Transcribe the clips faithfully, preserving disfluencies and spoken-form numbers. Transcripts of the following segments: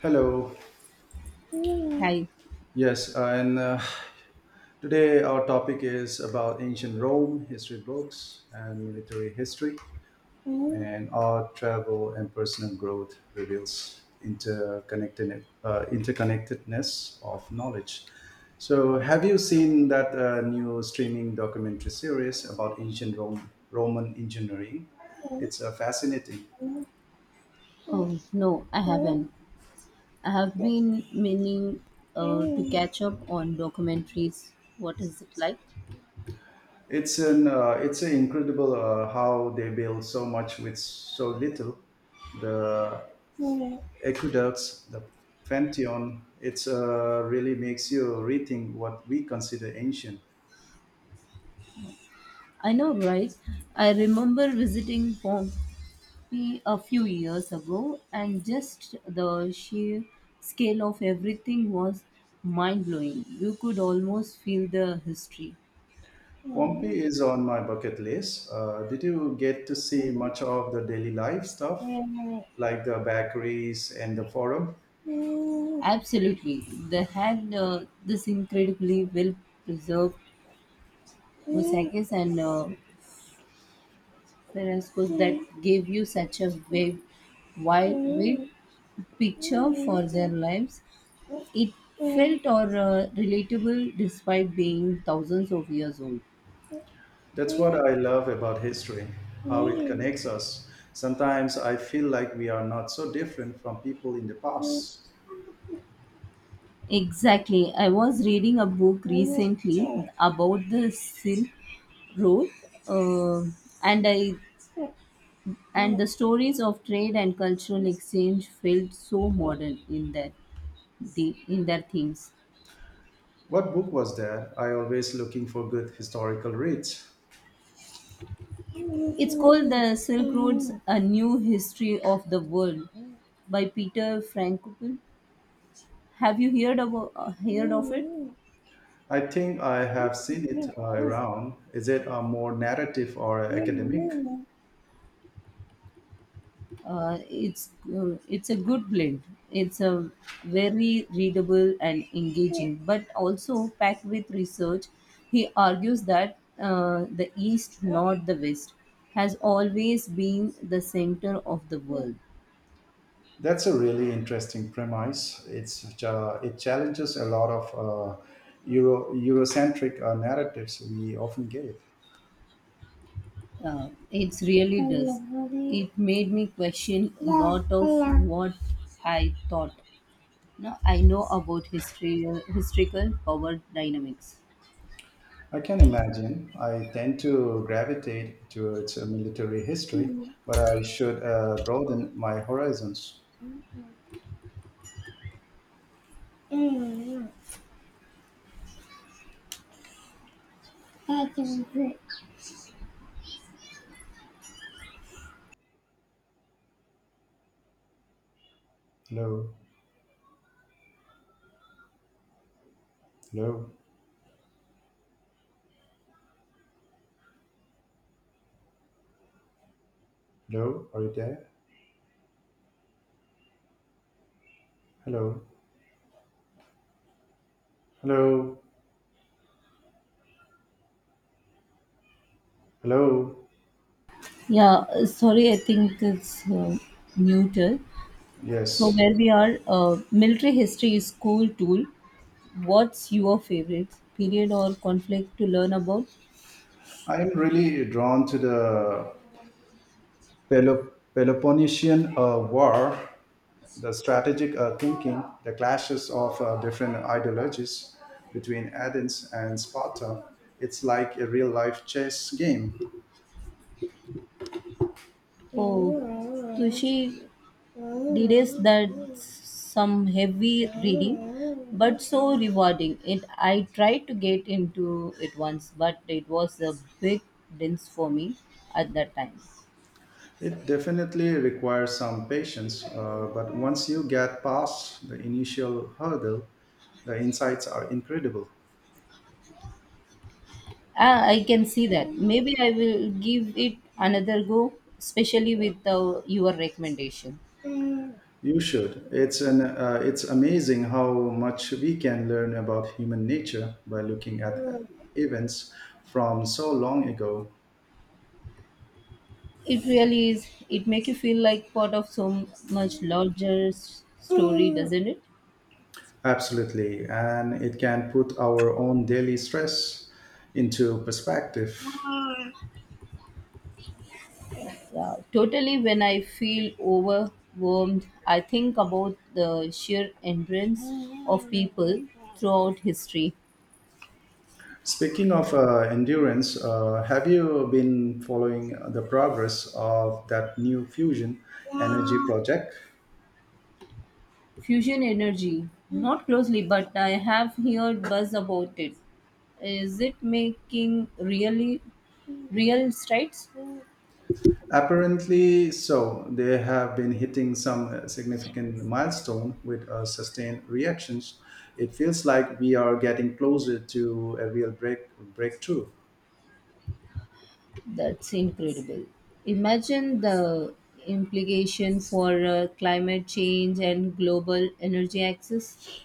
Hello. Hi. Yes, uh, and uh, today our topic is about ancient Rome, history books, and military history, Oh, and art, travel, and personal growth reveals interconnected, uh, interconnectedness of knowledge. So, have you seen that uh, new streaming documentary series about ancient Rome, Roman engineering? It's uh, fascinating. no, I haven't. I have been meaning uh, to catch up on documentaries. What is it like? It's an uh, it's an incredible uh, how they build so much with so little. The I aqueducts, the Pantheon, it's uh, really makes you rethink what we consider ancient. know, right? I remember visiting Pompeii a few years ago, and just the sheer scale of everything was mind blowing. You could almost feel the history. Pompeii is on my bucket list. Uh, did you get to see much of the daily life stuff, like the bakeries and the forum? Absolutely, they had uh, this incredibly well preserved mosaics and uh, frescoes that gave you such a wide, wide picture for their lives. It felt or uh, relatable despite being thousands of years old. That's what I love about history, how it connects us. Sometimes I feel like we are not so different from people in the past. Exactly. I was reading a book recently about the Silk Road, uh, and I And the stories of trade and cultural exchange felt so modern in their, the, in their themes. What book was there? I always looking for good historical reads. It's called The Silk Roads A New History of the World by Peter Frankopan. Have you heard, about, uh, heard of it? I think I have seen it uh, around. Is it a more narrative or academic? Mm. Uh, it's uh, it's a good blend. It's a very readable and engaging, but also packed with research. He argues that uh, the East, not the West, has always been the center of the world. That's a really interesting premise. It's uh, it challenges a lot of uh, Euro Eurocentric uh, narratives we often get. Uh, it really does. It made me question a lot of what I thought. Now I know about history, uh, historical power dynamics. I can imagine. I tend to gravitate towards uh, military history, but I should uh, broaden my horizons. Hello, hello, hello. Are you there? Hello. Hello. Hello. Yeah, uh, sorry, I think it's uh, muted. So, Yes. where we are, uh, military history is cool tool. What's your favorite period or conflict to learn about? I am really drawn to the Pelo- Peloponnesian uh, War, the strategic uh, thinking, the clashes of uh, different ideologies between Athens and Sparta. It's like a real life chess game. Oh, Tushi did is that some heavy reading, but so rewarding. It I tried to get into it once, but it was a big dense for me at that time. It definitely requires some patience, uh, but once you get past the initial hurdle, the insights are incredible. Ah, I can see that. Maybe I will give it another go, especially with uh, your recommendation. It You should. It's an uh, it's amazing how much we can learn about human nature by looking at events from so long ago. really is. It make you feel like part of so much larger s- story, doesn't it? Absolutely, and it can put our own daily stress into perspective. Yeah, totally. When I feel overwhelmed, I think about the sheer endurance of people throughout history. Speaking of uh, endurance, uh, have you been following the progress of that new fusion energy project? Fusion energy, not closely, but I have heard buzz about it. Is it making really real strides? Apparently, so they have been hitting some uh, significant milestone with uh, sustained reactions. It feels like we are getting closer to a real break breakthrough. That's incredible. Imagine the implication for uh, climate change and global energy access.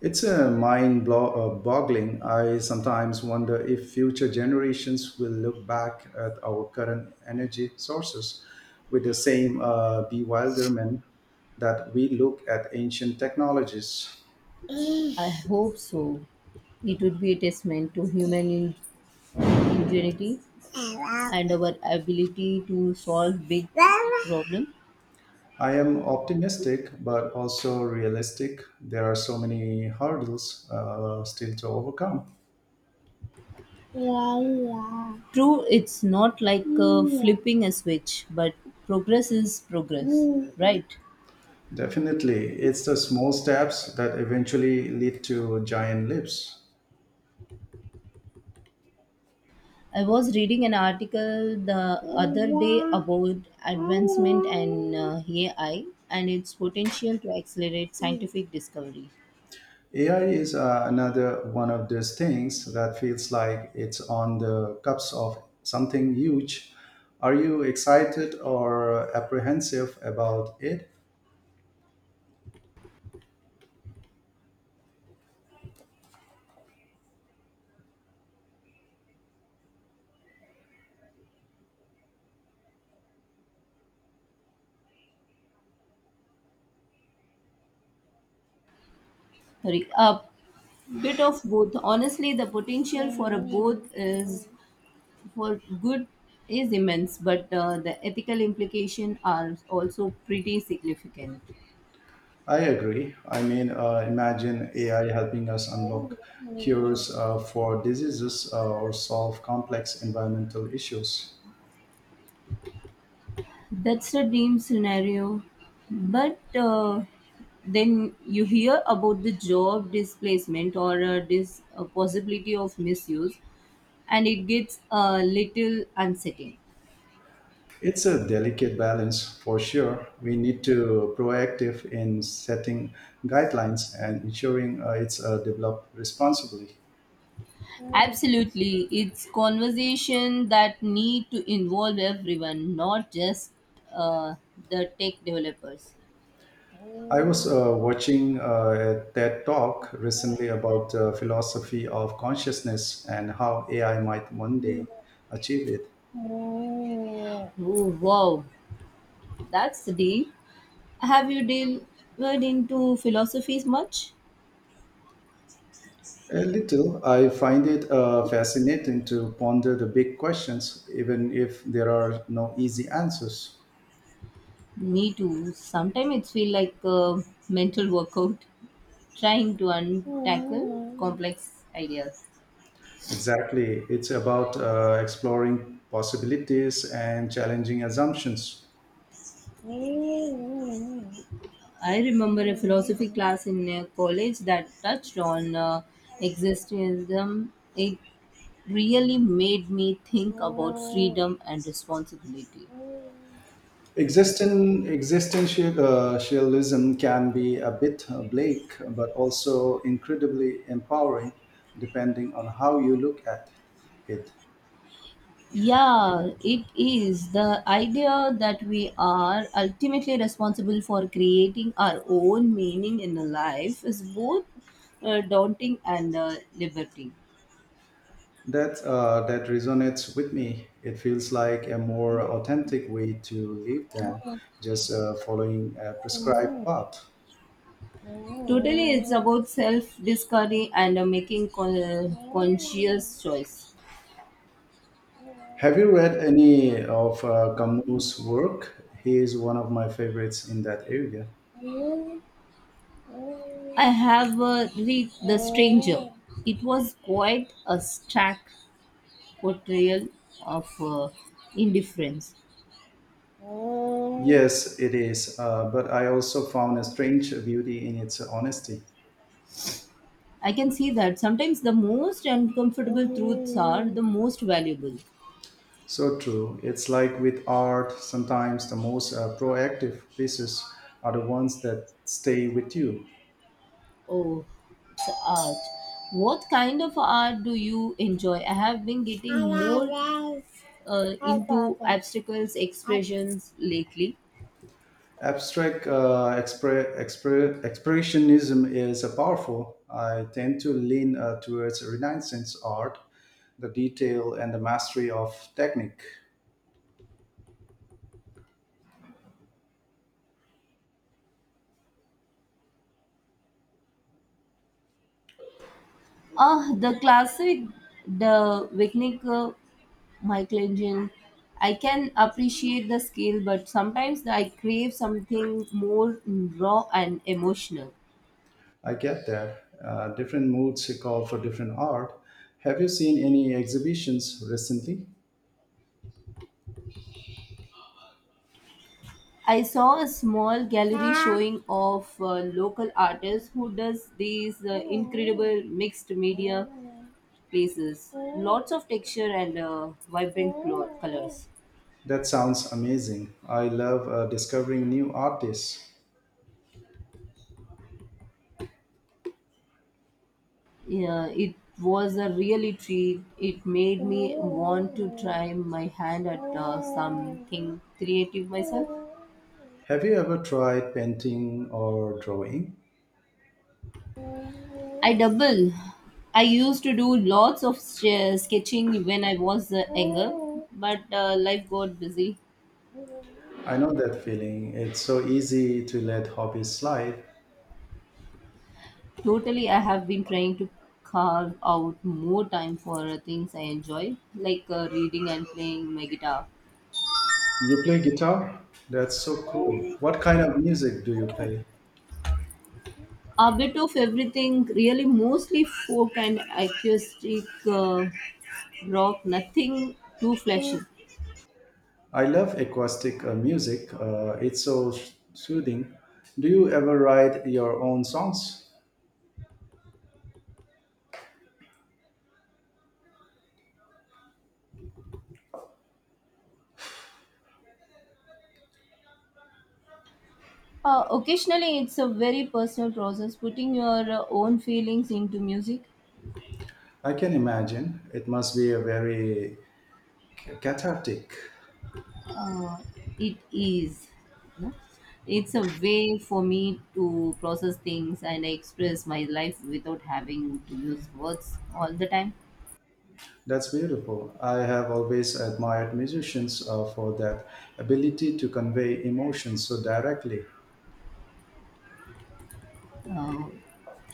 It's a mind blo- uh, boggling. I sometimes wonder if future generations will look back at our current energy sources with the same uh, bewilderment that we look at ancient technologies. I hope so. It would be a testament to human in- ingenuity and our ability to solve big problems. I am optimistic, but also realistic. There are so many hurdles uh, still to overcome. True, it's not like uh, flipping a switch, but progress is progress, right? Definitely, it's the small steps that eventually lead to giant leaps. I was reading an article the other day about advancement and uh, A I and its potential to accelerate scientific discovery. A I is uh, another one of those things that feels like it's on the cusp of something huge. Are you excited or apprehensive about it? Sorry, a bit of both. Honestly, the potential for a both is for good is immense, but uh, the ethical implications are also pretty significant. I agree. I mean, uh, imagine A I helping us unlock cures uh, for diseases uh, or solve complex environmental issues. That's a dream scenario. But uh, then you hear about the job displacement or uh, this uh, possibility of misuse, and it gets a little unsettling. It's a delicate balance for sure. We need to proactive in setting guidelines and ensuring uh, it's uh, developed responsibly. Absolutely, it's conversation that need to involve everyone, not just uh, the tech developers. I was Oh uh, watching uh, a TED talk recently about the philosophy of consciousness and how A I might one day achieve it. wow, that's deep. Have you delved into philosophies much? A little. I find it uh, fascinating to ponder the big questions, even if there are no easy answers. Me too. Sometimes it feels like a mental workout, trying to untackle complex ideas. Exactly. It's about uh, exploring possibilities and challenging assumptions. I remember a philosophy class in uh, college that touched on uh, existentialism. It really made me think about freedom and responsibility. Existen- existentialism can be a bit bleak, but also incredibly empowering, depending on how you look at it. Yeah, it is the idea that we are ultimately responsible for creating our own meaning in life is both uh, daunting and uh, liberating. That uh, that resonates with me. It feels like a more authentic way to live than just uh, following a prescribed Totally, path. it's about self discovery and uh, making con- conscious choice. Have you read any of uh, Camus' work? He is one of my favorites in that area. I have uh, read The Stranger. It was quite a stark portrayal of uh, indifference. Oh, Yes, it is. Uh, but I also found a strange beauty in its honesty. I can see that sometimes the most uncomfortable truths are the oh, most valuable. So true. It's like with art, sometimes the most uh, proactive pieces are the ones that stay with you. Oh, it's art. What kind of art do you enjoy? I have been getting more uh, into obstacles expressions lately. Abstract uh, expre- expre- expressionism is a powerful. I tend to lean uh, towards Renaissance art, the detail and the mastery of technique. Ah, the classic, the Wicnica, Michelangelo. I can appreciate the scale, but sometimes I crave something more raw and emotional. I get that. Uh, different moods call for different art. Have you seen any exhibitions recently? I saw a small gallery showing of uh, local artists who does these uh, incredible mixed media pieces. Lots of texture and uh, vibrant colors. That sounds amazing. I love uh, discovering new artists. Yeah, it was a really treat. It made me want to try my hand at uh, something creative myself. Have you ever tried painting or drawing? I double. I used to do lots of sh- sketching when I was uh, younger, but uh, life got busy. I know that feeling. It's so easy to let hobbies slide. Totally, I have been trying to carve out more time for things I enjoy, like uh, reading and playing my guitar. You play guitar? That's so cool. What kind of music do you play? A bit of everything, really, mostly folk and acoustic uh, rock, nothing too flashy. I love acoustic uh, music. Uh, it's so soothing. Do you ever write your own songs? Uh, occasionally, it's a very personal process, putting your uh, own feelings into music. I can imagine. It must be a very cathartic. uh, it is, no? It's a way for me to process things and express my life without having to use words all the time. That's beautiful. I have always admired musicians uh, for that ability to convey emotions so directly. uh,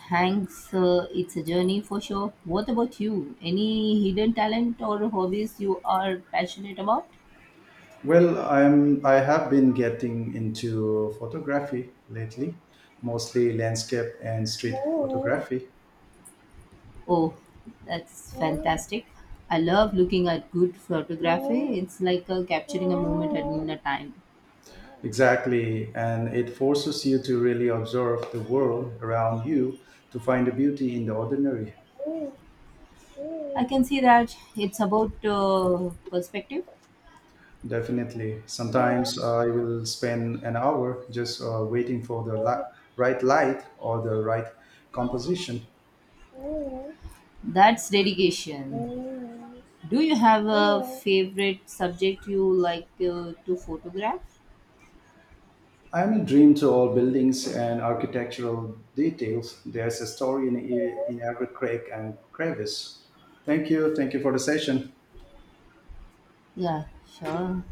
Thanks, uh, it's a journey for sure. What about you, any hidden talent or hobbies you are passionate about? Well, I'm I have been getting into photography lately, mostly landscape and street photography. Oh, that's fantastic. I love looking at good photography. It's like uh, capturing a moment at in a time. Exactly, and it forces you to really observe the world around you to find the beauty in the ordinary. I can see that it's about uh, perspective. Definitely. Sometimes I will spend an hour just uh, waiting for the li- right light or the right composition. That's dedication. Do you have a favorite subject you like uh, to photograph? I am a dream to all buildings and architectural details. There's a story in, in every crack and crevice. Thank you. Thank you for the session. Yeah, sure.